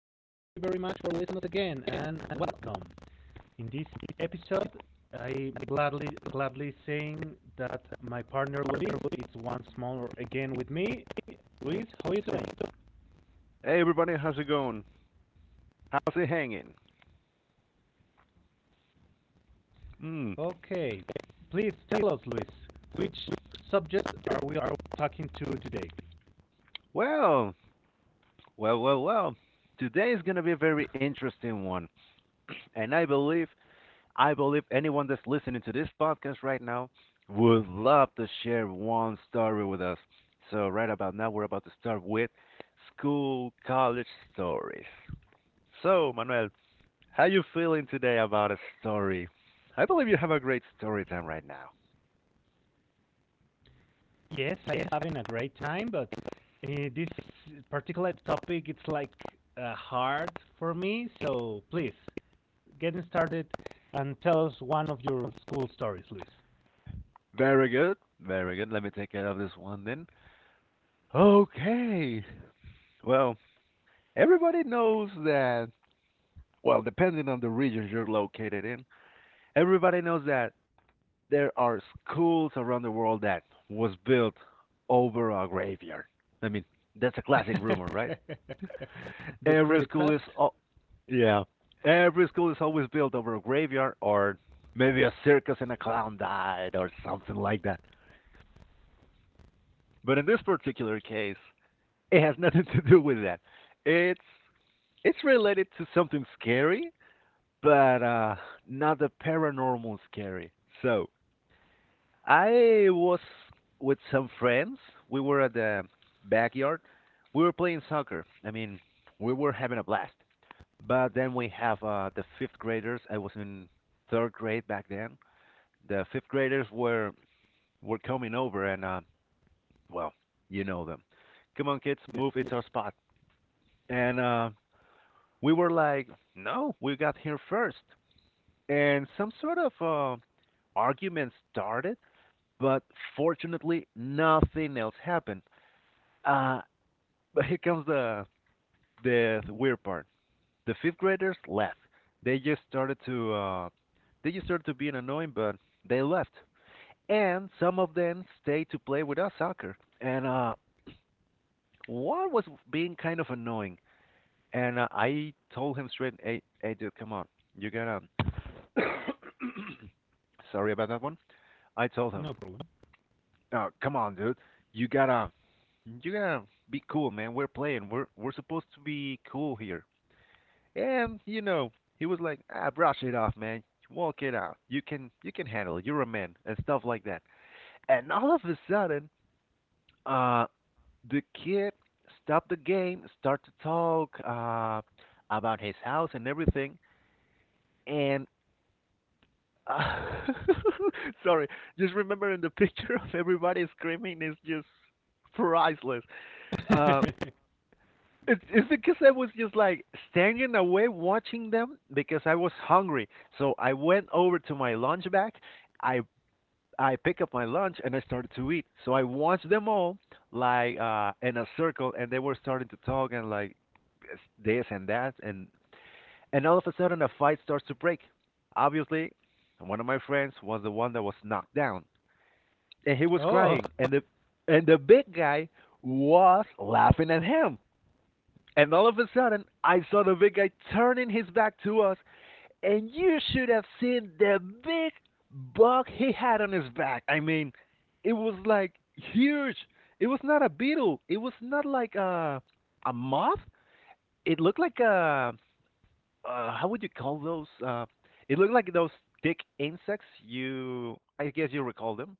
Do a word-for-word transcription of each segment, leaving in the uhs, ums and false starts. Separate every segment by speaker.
Speaker 1: much for listening us again, and welcome. In this episode, I gladly gladly saying that my partner Luis is once more again with me. Luis, how are you
Speaker 2: Hey,
Speaker 1: doing?
Speaker 2: hey everybody, how's it going? How's it hanging? Mm,
Speaker 1: Okay, please tell us, Luis, which subject are we are talking to today?
Speaker 2: well, well, well, well. Today is going to be a very interesting one, and I believe, I believe anyone that's listening to this podcast right now would love to share one story with us. So right about now, we're about to start with school college stories. So Manuel, how you feeling today about a story? I believe you have a great story time right now.
Speaker 1: Yes, I'm having a great time, but uh, this particular topic it's like uh, hard for me. So please getting started and tell us one of your school stories, Luis.
Speaker 2: Very good, very good. Let me take care of this one then. Okay. Well, everybody knows that, well, depending on the region you're located in, everybody knows that there are schools around the world that was built over a graveyard. I mean, that's a classic rumor, right?
Speaker 1: the crep the
Speaker 2: Every school is
Speaker 1: craft?
Speaker 2: al- yeah, every school is always built over a graveyard or maybe a circus and a clown died or something like that. But in this particular case, it has nothing to do with that. It's It's related to something scary, but uh, not the paranormal scary. So I was with some friends. We were at the backyard. We were playing soccer. I mean, we were having a blast. But then we have uh, the fifth graders. I was in third grade back then. The fifth graders were were coming over, and uh, well, you know them. Come on, kids,
Speaker 1: Yes,
Speaker 2: move. It's
Speaker 1: yes.
Speaker 2: our spot. And uh, we were like, no, we got here first. And some sort of uh, argument started, but fortunately, nothing else happened. Uh, but here comes the, the the weird part. The fifth graders left. They just started to uh, they just started to being annoying, but they left. And some of them stayed to play with us soccer. And uh, one was being kind of annoying. And uh, I told him straight, "Hey, hey, dude, come on, you gotta." Sorry about that one. I told him,
Speaker 1: No problem.
Speaker 2: "Oh, come on, dude. You gotta, you gotta be cool, man. We're playing. We're we're supposed to be cool here." And, you know, he was like, "Ah, brush it off, man. Walk it out. You can you can handle it. You're a man," and stuff like that. And all of a sudden, uh, the kid stopped the game, start to talk uh about his house and everything. And uh, sorry, just remembering the picture of everybody screaming is just priceless. Uh, It's, it's because I was just like standing away watching them because I was hungry. So I went over to my lunch bag. I I pick up my lunch and I started to eat. So I watched them all like uh in a circle, and they were starting to talk and like this this and that, and and all of a sudden a fight starts to break. Obviously, one of my friends was the one that was knocked down and he was
Speaker 1: Oh,
Speaker 2: crying, and the and the big guy was laughing at him. And all of a sudden, I saw the big guy turning his back to us, and you should have seen the big bug he had on his back. I mean, it was like huge. It was not a beetle. It was not like a a moth. It looked like a uh, how would you call those? Uh, it looked like those thick insects. You, I guess you recall them.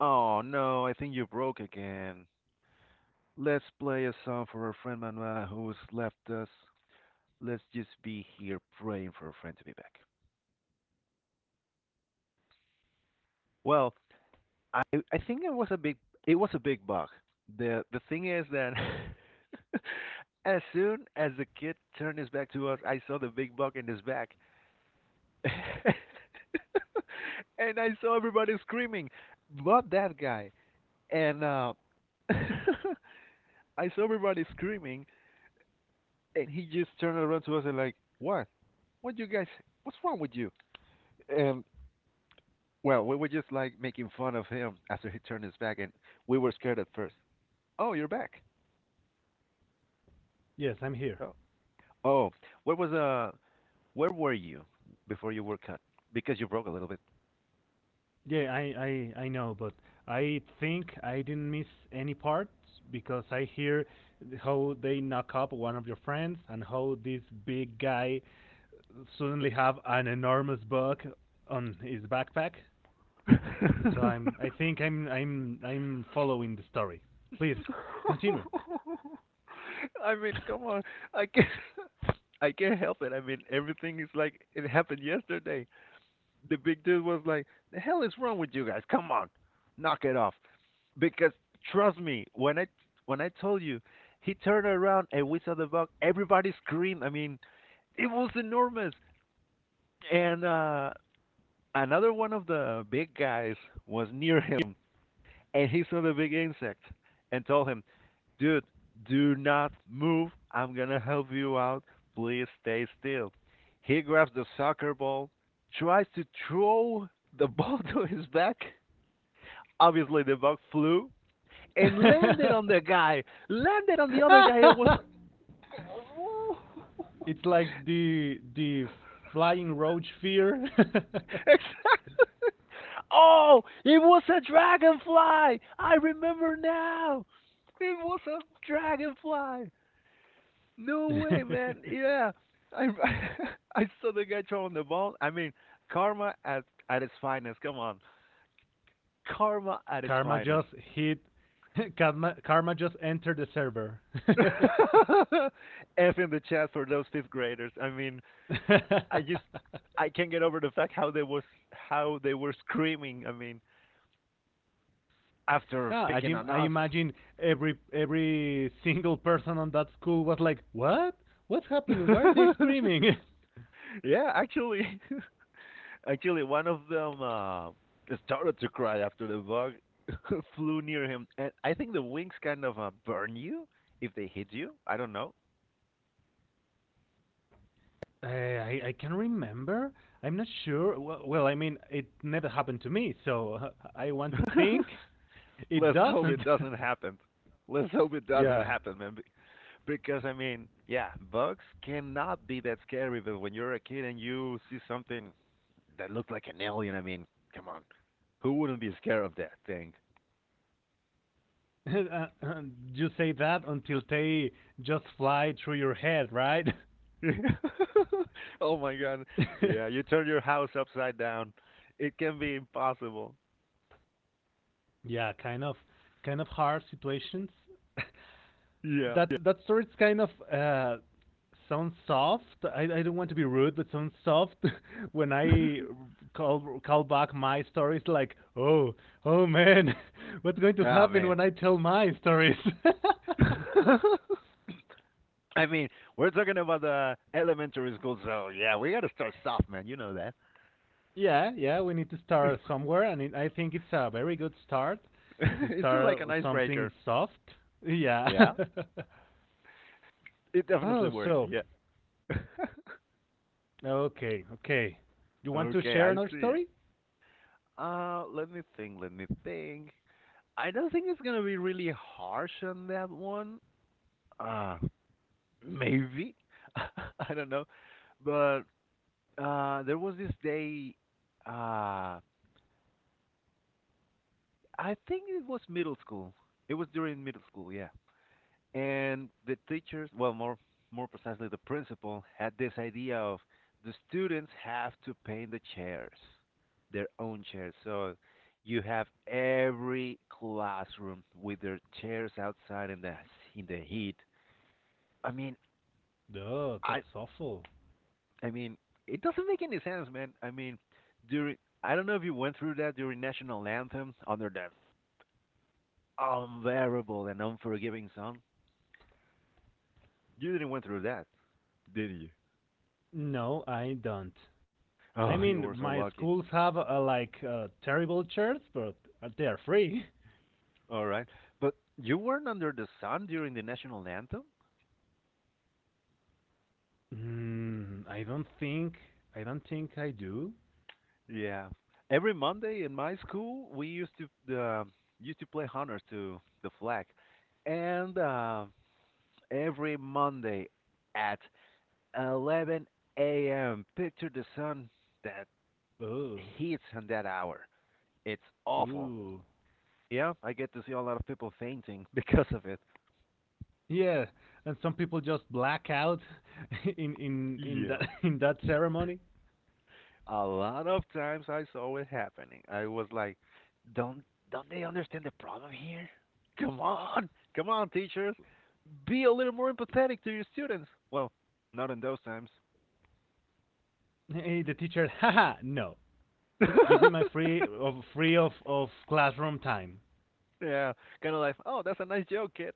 Speaker 2: Oh no, I think you broke again. Let's play a song for our friend Manuel who's left us. Let's just be here praying for a friend to be back. Well, I I think it was a big it was a big bug. The the thing is that as soon as the kid turned his back to us, I saw the big bug in his back. And I saw everybody screaming, but that guy. And uh I saw everybody screaming, and he just turned around to us and like, "What? What you guys what's wrong with you?" And, well, we were just like making fun of him after he turned his back, and we were scared at first. Oh, you're back.
Speaker 1: yes, I'm here.
Speaker 2: Oh, oh, where was uh, where were you before you were cut? Because you broke a little bit.
Speaker 1: Yeah, I, I, I know, but I think I didn't miss any parts because I hear how they knock up one of your friends and how this big guy suddenly have an enormous bug on his backpack. So I'm. I think I'm. I'm. I'm following the story. Please continue.
Speaker 2: I mean, come on, I can't, I can't help it. I mean, everything is like it happened yesterday. The big dude was like, "The hell is wrong with you guys? Come on, knock it off." Because trust me, when I when I told you, he turned around and we saw the bug. Everybody screamed. I mean, it was enormous. And uh, another one of the big guys was near him, and he saw the big insect and told him, "Dude, do not move. I'm gonna help you out. Please stay still." He grabs the soccer ball, tries to throw the ball to his back. Obviously, the bug flew and landed on the guy, landed on the other guy. It was like, oh,
Speaker 1: It's like the the flying roach fear.
Speaker 2: exactly. Oh, it was a dragonfly. I remember now. It was a dragonfly. No way, man. Yeah, I I saw the guy throwing the ball. I mean, karma at at its finest. Come on, karma at its
Speaker 1: Karma
Speaker 2: finest.
Speaker 1: just hit. Karma, Karma just entered the server.
Speaker 2: F in the chat for those fifth graders. I mean, I just I can't get over the fact how they was how they were screaming. I mean, after
Speaker 1: Ah, I,
Speaker 2: picking on
Speaker 1: I
Speaker 2: us.
Speaker 1: imagine every every single person on that school was like, "What? What's happening? Why are they screaming?"
Speaker 2: Yeah, actually, actually, one of them uh, started to cry after the bug flew near him, and I think the wings kind of uh, burn you if they hit you. I don't know.
Speaker 1: Uh, I I can remember. I'm not sure. Well, well, I mean, it never happened to me, so uh, I want to think it
Speaker 2: Let's hope it
Speaker 1: doesn't.
Speaker 2: doesn't happen. Let's hope it
Speaker 1: Yeah.
Speaker 2: doesn't happen, man. Because I mean, yeah, bugs cannot be that scary, but when you're a kid and you see something that looked like an alien. I mean, come on, who wouldn't be scared of that thing?
Speaker 1: Uh, uh, you say that until they just fly through your head, right?
Speaker 2: Oh my god, yeah, you turn your house upside down. It can be impossible.
Speaker 1: Yeah, kind of, kind of hard situations.
Speaker 2: Yeah.
Speaker 1: that that story's kind of uh, sounds soft. I, I don't want to be rude, but sounds soft when I call call back my stories. Like, oh, oh man, what's going to
Speaker 2: Ah, oh,
Speaker 1: happen
Speaker 2: man.
Speaker 1: when I tell my stories?
Speaker 2: I mean, we're talking about the elementary school, so yeah, we gotta start soft, man. You know that.
Speaker 1: Yeah, yeah, we need to start somewhere, and it, I think it's a very good start to
Speaker 2: It's
Speaker 1: start
Speaker 2: like an icebreaker.
Speaker 1: something soft. Yeah.
Speaker 2: Yeah, it definitely
Speaker 1: Oh,
Speaker 2: worked.
Speaker 1: so
Speaker 2: Yeah.
Speaker 1: okay, okay. You want to share another
Speaker 2: Okay, I
Speaker 1: story?
Speaker 2: see. Uh, let me think. Let me think. I don't think it's gonna be really harsh on that one. Uh, maybe. I don't know. But uh, there was this day. Uh, I think it was middle school. It was during middle school, yeah. And the teachers, well, more more precisely, the principal had this idea of the students have to paint the chairs, their own chairs. So you have every classroom with their chairs outside in the in the heat. I mean,
Speaker 1: No,
Speaker 2: I
Speaker 1: that's awful.
Speaker 2: I mean, it doesn't make any sense, man. I mean, during I don't know if you went through that during national anthem under that unbearable and unforgiving sun. You didn't went through that, did you?
Speaker 1: No, I don't. I
Speaker 2: Oh, you
Speaker 1: mean,
Speaker 2: were
Speaker 1: my
Speaker 2: so lucky.
Speaker 1: schools have uh, like uh, terrible shirts, but uh, they are free.
Speaker 2: All right, but you weren't under the sun during the national anthem.
Speaker 1: Mm, I don't think I don't think I do.
Speaker 2: Yeah, every Monday in my school we used to uh, used to play honors to the flag, and uh, every Monday at eleven a m. Picture the sun that
Speaker 1: Oh,
Speaker 2: hits on that hour. It's awful.
Speaker 1: ooh,
Speaker 2: Yeah, I get to see a lot of people fainting because of it.
Speaker 1: yeah. And some people just black out in in in that
Speaker 2: Yeah.
Speaker 1: in that ceremony.
Speaker 2: A lot of times I saw it happening. I was like, don't don't they understand the problem here? Come on. Come on, teachers. Be a little more empathetic to your students. Well, not in those times.
Speaker 1: Hey, the teacher, haha, no, give me my free of free of of classroom time.
Speaker 2: Yeah. Kind of like, oh, that's a nice joke, kid.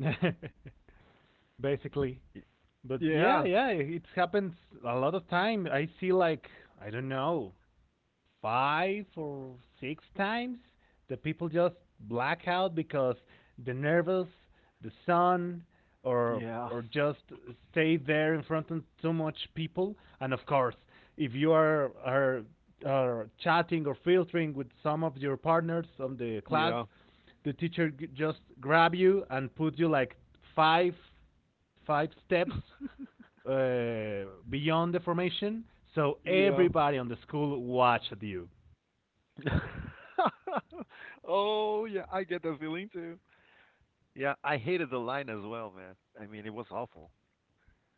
Speaker 1: Basically. But yeah,
Speaker 2: Yeah.
Speaker 1: yeah, it happens a lot of time. I see like I don't know, five or six times the people just black out because the nervous, the sun, or
Speaker 2: Yeah.
Speaker 1: or just stay there in front of too much people. And of course, if you are are, are chatting or filtering with some of your partners on the class,
Speaker 2: Yeah.
Speaker 1: the teacher g- just grab you and put you like five five steps uh, beyond the formation, so
Speaker 2: Yeah.
Speaker 1: everybody on the school watched you.
Speaker 2: Oh yeah, I get that feeling too. Yeah, I hated the line as well, man. I mean, it was awful.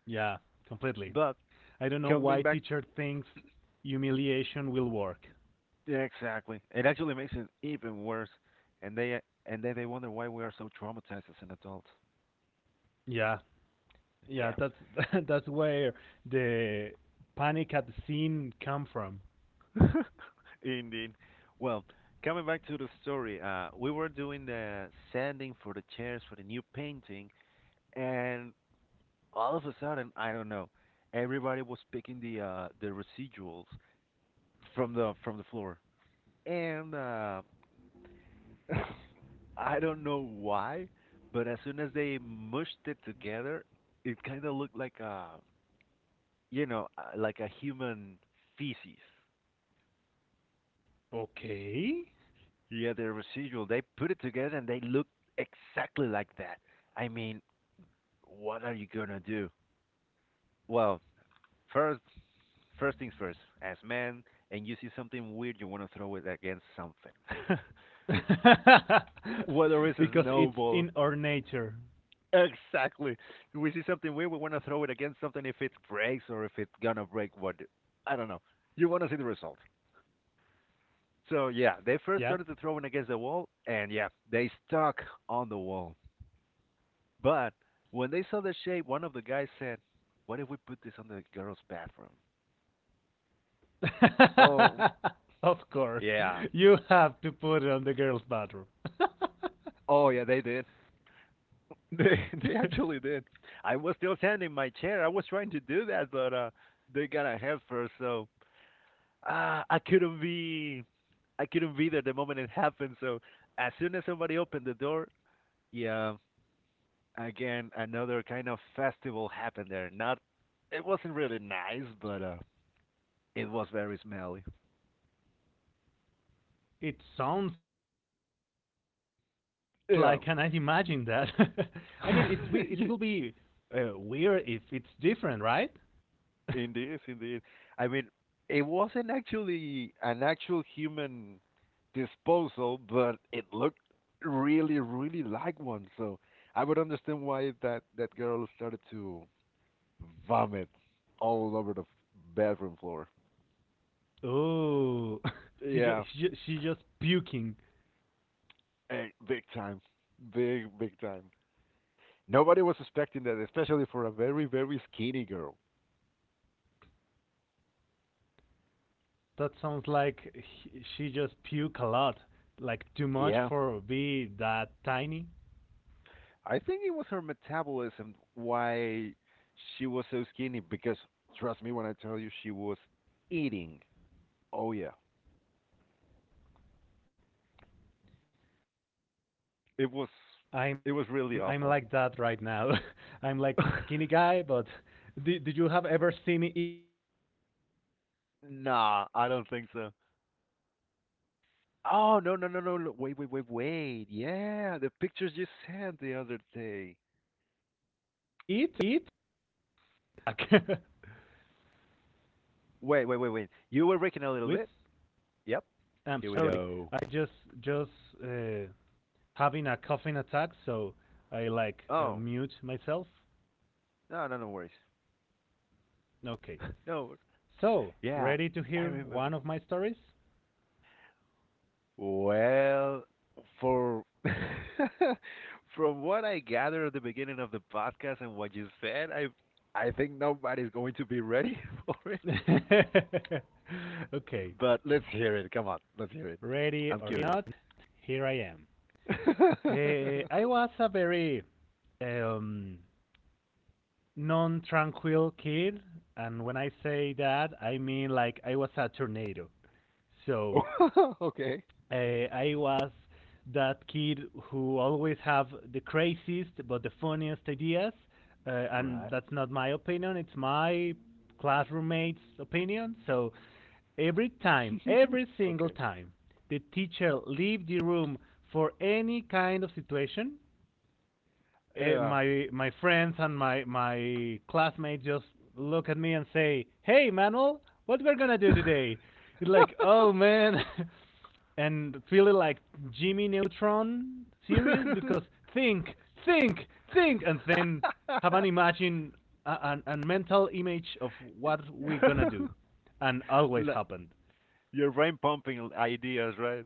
Speaker 1: Yeah, completely.
Speaker 2: But
Speaker 1: I don't know
Speaker 2: coming
Speaker 1: why
Speaker 2: back,
Speaker 1: teacher thinks humiliation will work.
Speaker 2: yeah, exactly. It actually makes it even worse, and they and then they wonder why we are so traumatized as an adult.
Speaker 1: Yeah, yeah,
Speaker 2: Yeah.
Speaker 1: that's that's where the panic at the scene come from.
Speaker 2: Indeed. Well, coming back to the story, uh, we were doing the sanding for the chairs for the new painting, and all of a sudden, I don't know, everybody was picking the uh, the residuals from the from the floor. And uh, I don't know why, but as soon as they mushed it together, it kind of looked like a you know uh, like a human feces.
Speaker 1: Okay,
Speaker 2: Yeah, the residual. They put it together and they looked exactly like that. I mean, what are you gonna do? Well, first first things first. As man, and you see something weird, you want to throw it against something. Whether it's a
Speaker 1: because it's
Speaker 2: snowball
Speaker 1: in our nature.
Speaker 2: exactly. If we see something weird, we want to throw it against something if it breaks or if it's gonna break what I don't know. You want to see the result. So yeah, they first
Speaker 1: Yeah.
Speaker 2: started to throw it against the wall, and yeah, they stuck on the wall. But when they saw the shape, one of the guys said, "What if we put this on the girls' bathroom?" Oh
Speaker 1: Of course,
Speaker 2: yeah,
Speaker 1: you have to put it on the girls' bathroom.
Speaker 2: oh yeah, they did. They they actually did. I was still standing in my chair. I was trying to do that, but uh, they got ahead first. So uh, I couldn't be I couldn't be there the moment it happened. So as soon as somebody opened the door, yeah, again another kind of festival happened there. Not It wasn't really nice, but uh, it was very smelly.
Speaker 1: It sounds
Speaker 2: Yeah.
Speaker 1: like, and I imagine that. I mean, it's we it
Speaker 2: Ye-
Speaker 1: will be uh, weird if it's different, right?
Speaker 2: indeed, indeed. I mean, it wasn't actually an actual human disposal, but it looked really, really like one. So I would understand why that that girl started to vomit all over the f- bathroom floor.
Speaker 1: Oh, she
Speaker 2: Yeah,
Speaker 1: just she, ju- she just puking.
Speaker 2: eh, big time. Big, big time. Nobody was expecting that, especially for a very, very skinny girl.
Speaker 1: That sounds like he- she just puke a lot, like too much
Speaker 2: Yeah.
Speaker 1: for be that tiny.
Speaker 2: I think it was her metabolism why she was so skinny because trust me when I tell you she was eating. Oh yeah.
Speaker 1: I'm I'm like that right
Speaker 2: It was
Speaker 1: now. I'm
Speaker 2: it was
Speaker 1: like
Speaker 2: really
Speaker 1: skinny
Speaker 2: awful.
Speaker 1: guy, but did did you have ever see me eat?
Speaker 2: nah, I don't think so. Oh no no no no no wait wait wait wait. Yeah, the pictures you sent the other day. Wait, wait, wait, wait.
Speaker 1: Luis,
Speaker 2: You were breaking a little bit. Yep.
Speaker 1: I'm
Speaker 2: Here
Speaker 1: sorry.
Speaker 2: we
Speaker 1: I
Speaker 2: go.
Speaker 1: just just uh, having a coughing attack, so I like uh,
Speaker 2: Oh,
Speaker 1: mute myself.
Speaker 2: no, no, no worries.
Speaker 1: Okay.
Speaker 2: no.
Speaker 1: So,
Speaker 2: Yeah,
Speaker 1: ready to
Speaker 2: I
Speaker 1: hear
Speaker 2: remember.
Speaker 1: one of my stories?
Speaker 2: Well, for from what I gathered at the beginning of the podcast and what you said, I I think nobody's going to be ready for it.
Speaker 1: Okay.
Speaker 2: But let's hear it. Come on, let's hear it.
Speaker 1: Ready
Speaker 2: I'm
Speaker 1: or
Speaker 2: curious.
Speaker 1: not, here I am. Uh, I was a very um, non tranquil kid, and when I say that, I mean like I was a tornado. So,
Speaker 2: okay.
Speaker 1: Uh, I was that kid who always have the craziest but the funniest ideas, uh, and
Speaker 2: Right?
Speaker 1: that's not my opinion. It's my class roommate's opinion. So every time, every single
Speaker 2: Okay.
Speaker 1: time, the teacher leave the room for any kind of situation, eh,
Speaker 2: Yeah.
Speaker 1: my my friends and my my classmates just look at me and say, "Hey, Manuel, what we're gonna do today?" It's like, "Oh man," and feeling like Jimmy Neutron serious because think, think, think, and then have an imagine a, an, a mental image of what we're gonna do, and always
Speaker 2: Like.
Speaker 1: happened.
Speaker 2: Your brain pumping ideas, right?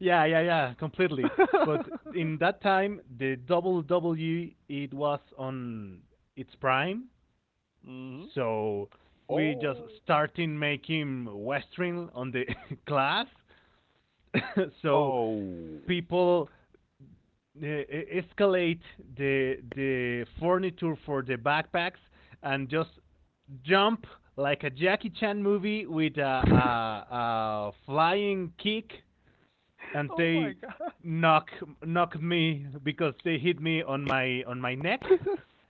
Speaker 1: Yeah, yeah, yeah, completely. But in that time, the W W E it was on its prime,
Speaker 2: Hmm.
Speaker 1: so we just
Speaker 2: Oh.
Speaker 1: starting making Western on the class. So
Speaker 2: Oh.
Speaker 1: people uh, escalate the the furniture for the backpacks and just jump like a Jackie Chan movie with a, a, a flying kick and
Speaker 2: Oh my
Speaker 1: they
Speaker 2: god.
Speaker 1: knock knock me because they hit me on my on my neck,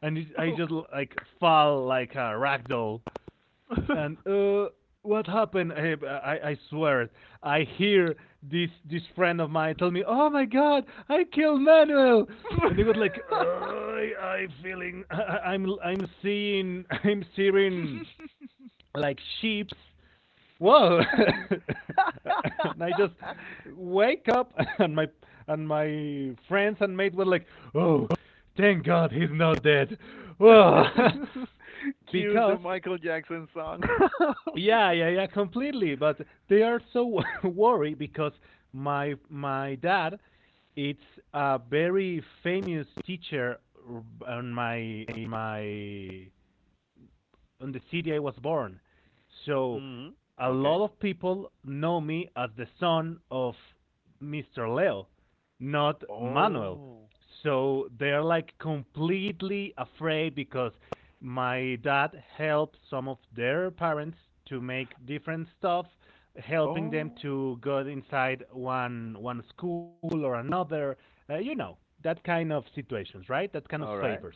Speaker 1: and it, I
Speaker 2: oh.
Speaker 1: just like fall like a ragdoll. And uh, what happened? I, I I swear, I hear this this friend of mine tell me, "Oh my God, I killed Manuel." And he was like, oh, I, I feeling, I, I'm, I'm seeing, I'm seeing like sheeps. Whoa! And I just wake up, and my and my friends and mates were like, "Oh, thank God he's not dead." Whoa!
Speaker 2: Cues the
Speaker 1: Because
Speaker 2: Michael Jackson song.
Speaker 1: yeah, yeah, yeah, completely. But they are so worried because my my dad, it's a very famous teacher on my my in the city I was born. So
Speaker 2: Hmm.
Speaker 1: a
Speaker 2: Okay.
Speaker 1: lot of people know me as the son of Mister Leo, not Manuel.
Speaker 2: Oh.
Speaker 1: So they're like completely afraid because my dad helped some of their parents to make different stuff, helping them
Speaker 2: Oh.
Speaker 1: to go inside one one school or another. Uh, you know that kind of situations, right? That kind of
Speaker 2: All
Speaker 1: favors.
Speaker 2: right.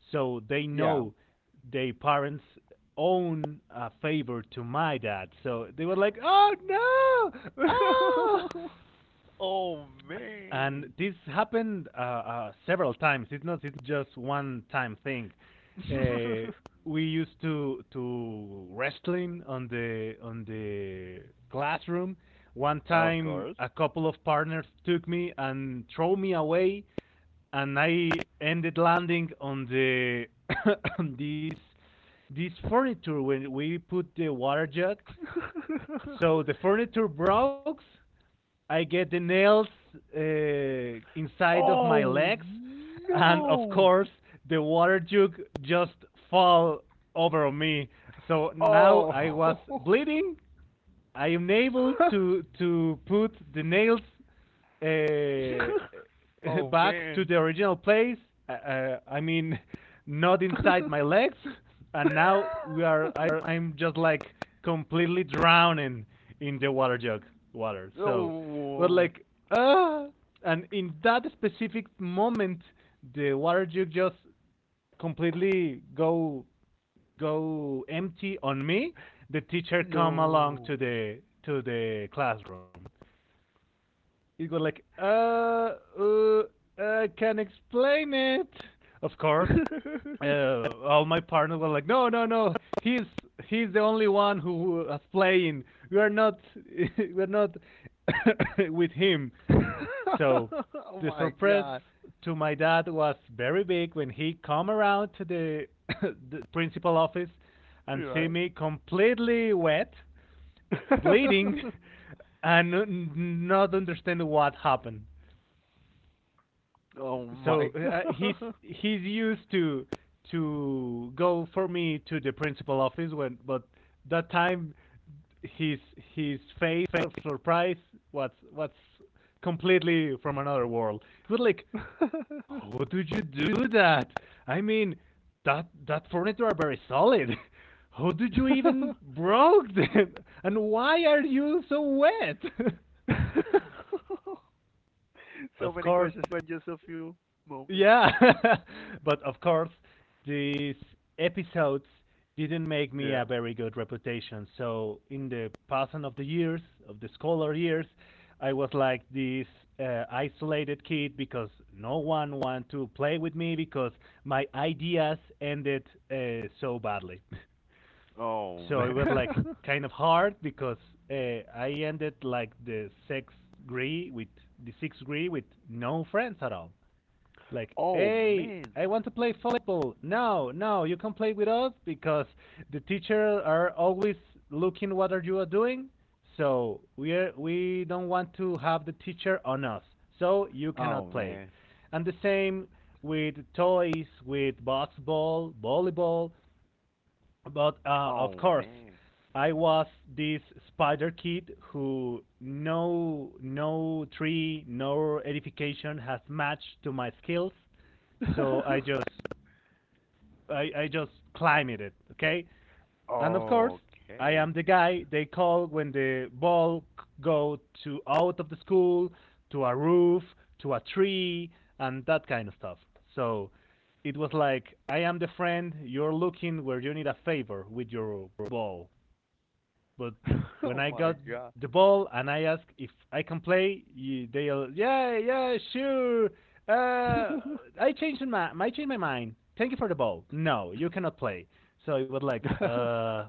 Speaker 1: So they
Speaker 2: Yeah.
Speaker 1: know their parents own a favor to my dad. So they were like, "Oh no! Oh!"
Speaker 2: oh
Speaker 1: And
Speaker 2: man.
Speaker 1: this happened uh, uh, several times. It's not it's just one time thing. Uh, we used to to wrestling on the on the classroom. One
Speaker 2: of
Speaker 1: time,
Speaker 2: course.
Speaker 1: a couple of partners took me and throw me away and I ended landing on the this this furniture when we put the water jug. So the furniture broke. I get the nails uh, inside of my
Speaker 2: Oh
Speaker 1: legs, and of
Speaker 2: no!
Speaker 1: course the water jug just fall over me. So now I was
Speaker 2: Oh,
Speaker 1: bleeding I am able to to put the nails uh,
Speaker 2: oh
Speaker 1: back to
Speaker 2: man!
Speaker 1: the original place. Uh, uh, I mean, not inside my legs. And now we are. I, I'm just like completely drowning in the water jug water. So, but
Speaker 2: no,
Speaker 1: like, ah, uh, and in that specific moment, the water jug just completely go go empty on me, the teacher come along
Speaker 2: no!
Speaker 1: to the to the classroom you go like, uh, uh, I can explain it. Of course, uh, all my partners were like, no, no, no. He's he's the only one who is playing. We are not we're not with him.
Speaker 2: oh
Speaker 1: So the
Speaker 2: my
Speaker 1: surprise
Speaker 2: god!
Speaker 1: to my dad was very big when he come around to the, the principal office and
Speaker 2: You're
Speaker 1: see
Speaker 2: right.
Speaker 1: me completely wet bleeding and not understand what happened.
Speaker 2: oh my
Speaker 1: So uh, he's
Speaker 2: god!
Speaker 1: he's used to to go for me to the principal office when, but that time his his face of surprise was was completely from another world. It was like, how did you do that? I mean, that that furniture are very solid. How did you even broke them? And why are you so wet?
Speaker 2: so
Speaker 1: Of
Speaker 2: many
Speaker 1: course,
Speaker 2: questions, but just a few moments.
Speaker 1: yeah, but of course, these episodes didn't make me
Speaker 2: Yeah.
Speaker 1: a very good reputation. So in the passing of the years, of the scholar years, I was like this uh, isolated kid because no one wanted to play with me because my ideas ended uh, so badly.
Speaker 2: Oh
Speaker 1: So it was like
Speaker 2: man.
Speaker 1: kind of hard because uh, I ended like the sixth grade with the sixth grade with no friends at all like,
Speaker 2: oh
Speaker 1: hey,
Speaker 2: man.
Speaker 1: I want to play volleyball. No, no, you can play with us because the teachers are always looking what are you are doing. So we are, we don't want to have the teacher on us. So you
Speaker 2: Oh
Speaker 1: cannot play.
Speaker 2: man.
Speaker 1: And the same with toys, with basketball, volleyball. But uh, of
Speaker 2: Oh
Speaker 1: course,
Speaker 2: man.
Speaker 1: I was this spider kid who no no tree nor edification has matched to my skills, so I just I, I just climbed it, okay? And of course, I
Speaker 2: Okay.
Speaker 1: am the guy they call when the ball c- go to out of the school, to a roof, to a tree, and that kind of stuff. So it was like, I am the friend you're looking where you need a favor with your ball. But when
Speaker 2: Oh
Speaker 1: I
Speaker 2: my
Speaker 1: got
Speaker 2: God.
Speaker 1: the ball and I asked if I can play, you, they all, yeah, yeah, sure. Uh, I changed my, I changed my mind. Thank you for the ball. No, you cannot play. So it was like, uh,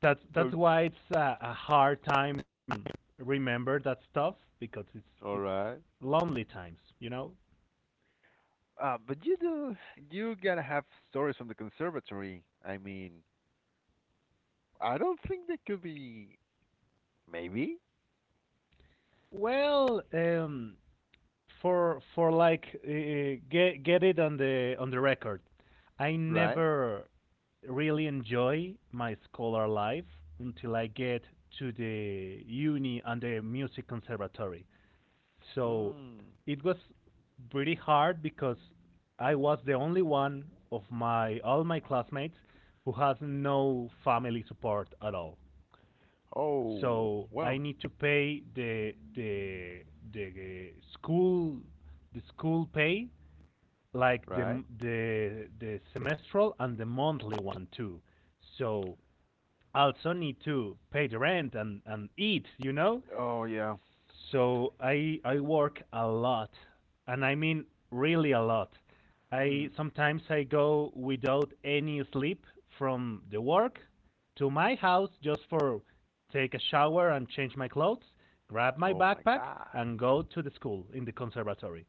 Speaker 1: that's that's
Speaker 2: Oh,
Speaker 1: why it's a, a hard time remember that stuff because it's it's
Speaker 2: all right.
Speaker 1: lonely times, you know.
Speaker 2: Uh, but you do, you gotta have stories from the conservatory. I mean, I don't think they could be, maybe,
Speaker 1: Well, um, for for like uh, get get it on the on the record. I
Speaker 2: right?
Speaker 1: never really enjoy my scholar life until I get to the uni and the music conservatory. So
Speaker 2: Hmm.
Speaker 1: it was pretty hard because I was the only one of my all my classmates who has no family support at all.
Speaker 2: Oh,
Speaker 1: So I
Speaker 2: well,
Speaker 1: need to pay the the the uh, school the school pay like
Speaker 2: right.
Speaker 1: the the the semestral and the monthly one too. So also need to pay the rent and, and eat, you know?
Speaker 2: Oh yeah.
Speaker 1: So I I work a lot. And I mean really a lot.
Speaker 2: Hmm.
Speaker 1: I Sometimes I go without any sleep from the work to my house just for take a shower and change my clothes, grab my
Speaker 2: Oh my
Speaker 1: backpack
Speaker 2: God.
Speaker 1: and go to the school in the conservatory.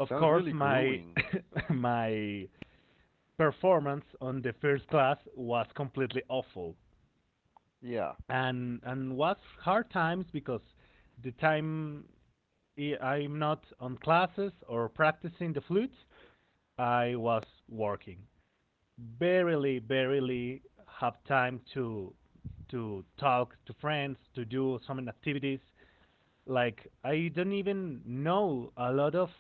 Speaker 1: Of
Speaker 2: Sounds
Speaker 1: course,
Speaker 2: really
Speaker 1: my
Speaker 2: grueling.
Speaker 1: my performance on the first class was completely awful.
Speaker 2: Yeah.
Speaker 1: and and was hard times because the time I- I'm not on classes or practicing the flute, I was working. Barely, barely have time to to talk to friends, to do some activities. Like, I don't even know a lot of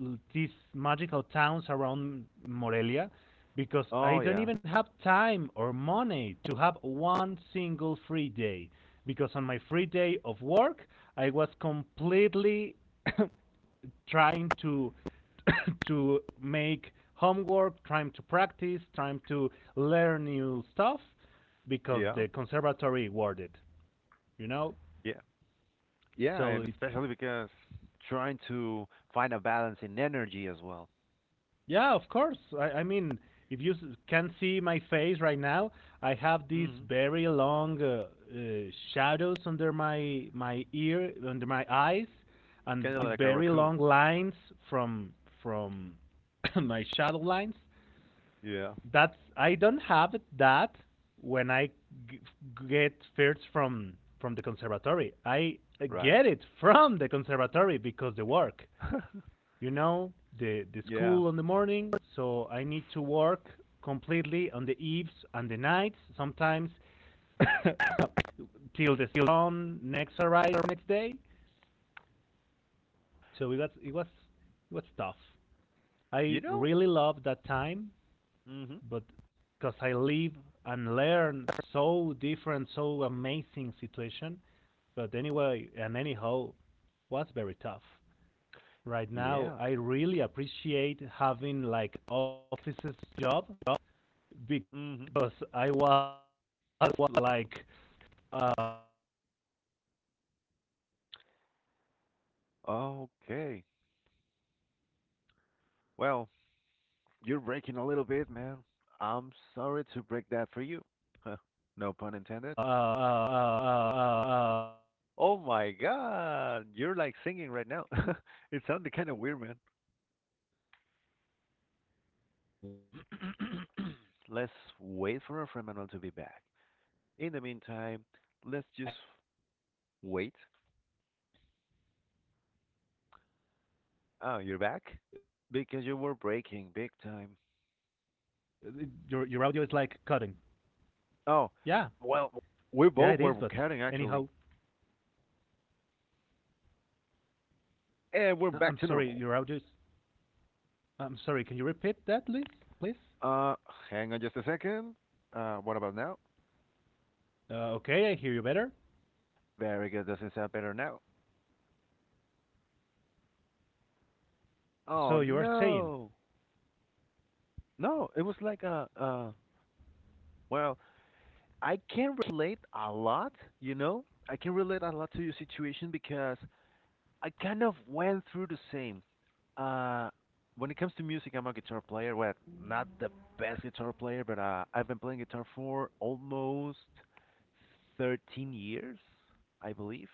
Speaker 1: l- these magical towns around Morelia because I
Speaker 2: Oh
Speaker 1: don't
Speaker 2: yeah.
Speaker 1: even have time or money to have one single free day because on my free day of work I was completely trying to, to make homework, trying to practice, trying to learn new stuff because
Speaker 2: Yeah.
Speaker 1: the conservatory awarded, you know?
Speaker 2: Yeah. Yeah,
Speaker 1: So
Speaker 2: and
Speaker 1: it's.
Speaker 2: especially because trying to find a balance in energy as well.
Speaker 1: Yeah, of course. I, I mean, if you s- can see my face right now, I have these
Speaker 2: Hmm.
Speaker 1: very long uh, uh, shadows under my my ear, under my eyes, and
Speaker 2: Kind of
Speaker 1: these
Speaker 2: like a
Speaker 1: very
Speaker 2: raccoon.
Speaker 1: long lines from from my shadow lines.
Speaker 2: Yeah,
Speaker 1: That's. I don't have that when I g- get first from from the conservatory. I uh,
Speaker 2: right?
Speaker 1: get it from the conservatory because the work, you know, the, the
Speaker 2: Yeah.
Speaker 1: school in the morning, so I need to work completely on the eves and the nights, sometimes till the sun next arrives next day. So it was it was it was tough.
Speaker 2: You
Speaker 1: I
Speaker 2: know?
Speaker 1: really loved that time,
Speaker 2: Hmm.
Speaker 1: but because I live and learn so different, so amazing situation. But anyway, and anyhow, was very tough. Right now.
Speaker 2: Yeah.
Speaker 1: I really appreciate having like offices job because I
Speaker 2: Hmm.
Speaker 1: was like uh,
Speaker 2: Okay. Well, you're breaking a little bit, man. I'm sorry to break that for you. Huh. No pun intended.
Speaker 1: pretty much years, so it was
Speaker 2: Oh my
Speaker 1: actually hard
Speaker 2: God, you're
Speaker 1: timing.
Speaker 2: like singing right now. It
Speaker 1: But
Speaker 2: sounded kind of weird, man.
Speaker 1: anyhow, I make wonderful friends, wonderful contacts, and
Speaker 2: Let's
Speaker 1: every
Speaker 2: wait
Speaker 1: time
Speaker 2: for
Speaker 1: I
Speaker 2: our friend
Speaker 1: can,
Speaker 2: Manuel to be back. In the meantime,
Speaker 1: yeah, yeah,
Speaker 2: let's
Speaker 1: yeah, yeah.
Speaker 2: just wait.
Speaker 1: I-
Speaker 2: Oh,
Speaker 1: I'm
Speaker 2: you're
Speaker 1: sorry,
Speaker 2: back?
Speaker 1: uh, your your
Speaker 2: Because you
Speaker 1: audio
Speaker 2: were
Speaker 1: is like
Speaker 2: breaking big
Speaker 1: cutting.
Speaker 2: time.
Speaker 1: Yeah, yeah, it is.
Speaker 2: Oh,
Speaker 1: But
Speaker 2: well,
Speaker 1: anyhow,
Speaker 2: we both were cutting actually.
Speaker 1: I- I'm
Speaker 2: And we're
Speaker 1: sorry,
Speaker 2: back to
Speaker 1: your audio
Speaker 2: normal.
Speaker 1: is. I'm sorry, can you repeat that, please? Please?
Speaker 2: Uh, Hang on just a second. Uh, what about now?
Speaker 1: Uh, okay, I hear you better.
Speaker 2: Very good. Doesn't sound better now. Oh,
Speaker 1: So you are saying,
Speaker 2: no. No, it was like a, uh, well, I can relate a lot, you know? I can relate a lot to your situation because I kind of went through the same. Uh, when it comes to music, I'm a guitar player. Well, not the best guitar player, but uh, I've been playing guitar for almost thirteen years, I believe.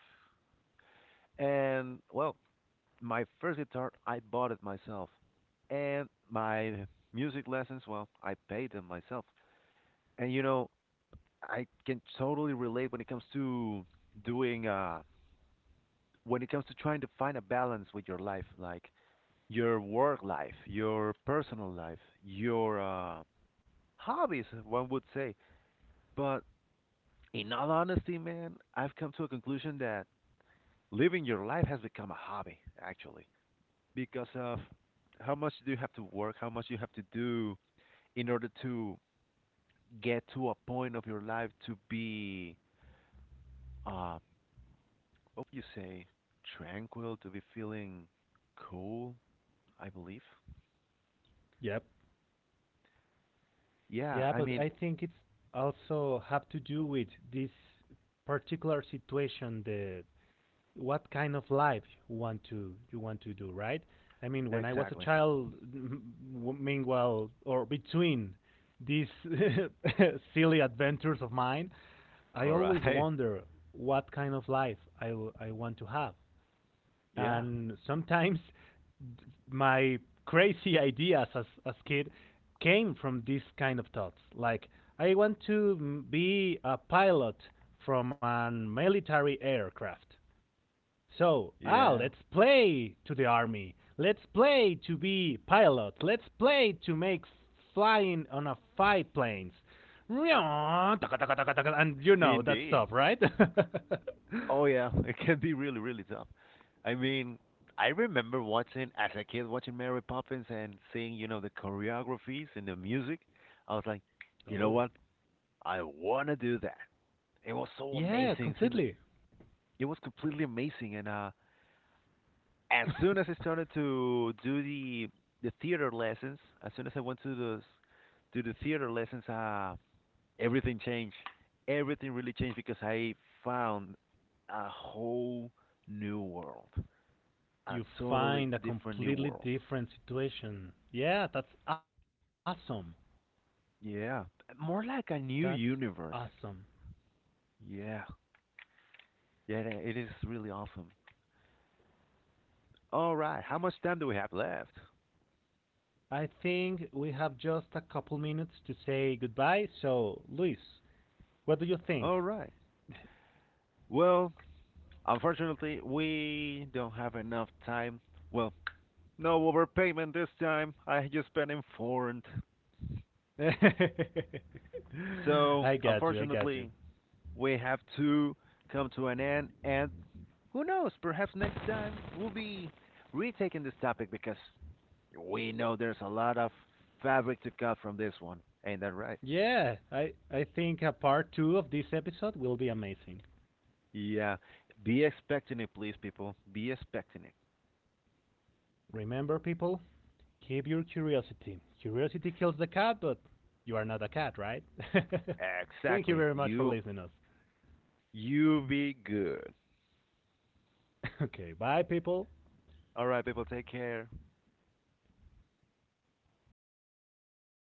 Speaker 2: And well, my first guitar, I bought it myself. And my music lessons, well, I paid them myself. And you know, I can totally relate when it comes to doing, uh, when it comes to trying to find a balance with your life. Like, your work life, your personal life, your uh, hobbies, one would say. But in all honesty, man, I've come to a conclusion that living your life has become a hobby, actually, because of how much do you have to work, how much you have to do in order to get to a point of your life to be, uh, what would you say, tranquil, to be feeling cool, I believe.
Speaker 1: yep.
Speaker 2: Yeah,
Speaker 1: Yeah,
Speaker 2: I
Speaker 1: but
Speaker 2: mean,
Speaker 1: I think it's also have to do with this particular situation, the what kind of life you want to you want to do, right? I mean, when I was a
Speaker 2: exactly.
Speaker 1: child, m- w- meanwhile, or between these silly adventures of mine, I
Speaker 2: All
Speaker 1: always
Speaker 2: right.
Speaker 1: wonder what kind of life I, w- I want to have.
Speaker 2: Yeah.
Speaker 1: And sometimes my crazy ideas as as kid came from these kind of thoughts like I want to m- be a pilot from an military aircraft. So, ah,
Speaker 2: Yeah.
Speaker 1: let's play to the army, let's play to be pilot, let's play to make flying on a fight planes and you know that
Speaker 2: Indeed.
Speaker 1: stuff, right?
Speaker 2: Oh yeah, it can be really, really tough. I mean, I remember watching as a kid watching Mary Poppins and seeing, you know, the choreographies and the music. I was like, you know
Speaker 1: Oh,
Speaker 2: what? I wanna do that. It was so
Speaker 1: yeah,
Speaker 2: amazing. Seeing the,
Speaker 1: completely.
Speaker 2: it was completely amazing. And uh, as soon as I started to do the the theater lessons, as soon as I went to the to the theater lessons, uh, everything changed. Everything really changed because I found a whole new world, a
Speaker 1: You
Speaker 2: totally
Speaker 1: find a
Speaker 2: different new
Speaker 1: completely
Speaker 2: world.
Speaker 1: different situation. Yeah, that's awesome.
Speaker 2: Yeah, more like a
Speaker 1: That's
Speaker 2: new universe.
Speaker 1: awesome.
Speaker 2: Yeah, yeah, it is really awesome. All right, how much time do we have left?
Speaker 1: I think we have just a couple minutes to say goodbye. So, Luis, what do you think?
Speaker 2: All right. Well, unfortunately, we don't have enough time. Well, no overpayment this time. I just been informed.
Speaker 1: I
Speaker 2: So,
Speaker 1: got you. I got you.
Speaker 2: unfortunately, we have to come to an end and who knows? Perhaps next time we'll be retaking this topic because we know there's a lot of fabric to cut from this one. Ain't that right?
Speaker 1: Yeah, I I think a part two of this episode will be amazing.
Speaker 2: Yeah. Be expecting it, please, people. Be expecting it.
Speaker 1: Remember people, keep your curiosity. Curiosity kills the cat, but you are not a cat, right? Thank you
Speaker 2: Exactly.
Speaker 1: very much for
Speaker 2: You
Speaker 1: listening to us.
Speaker 2: you be good.
Speaker 1: Okay, bye people.
Speaker 2: All right, people. Take care.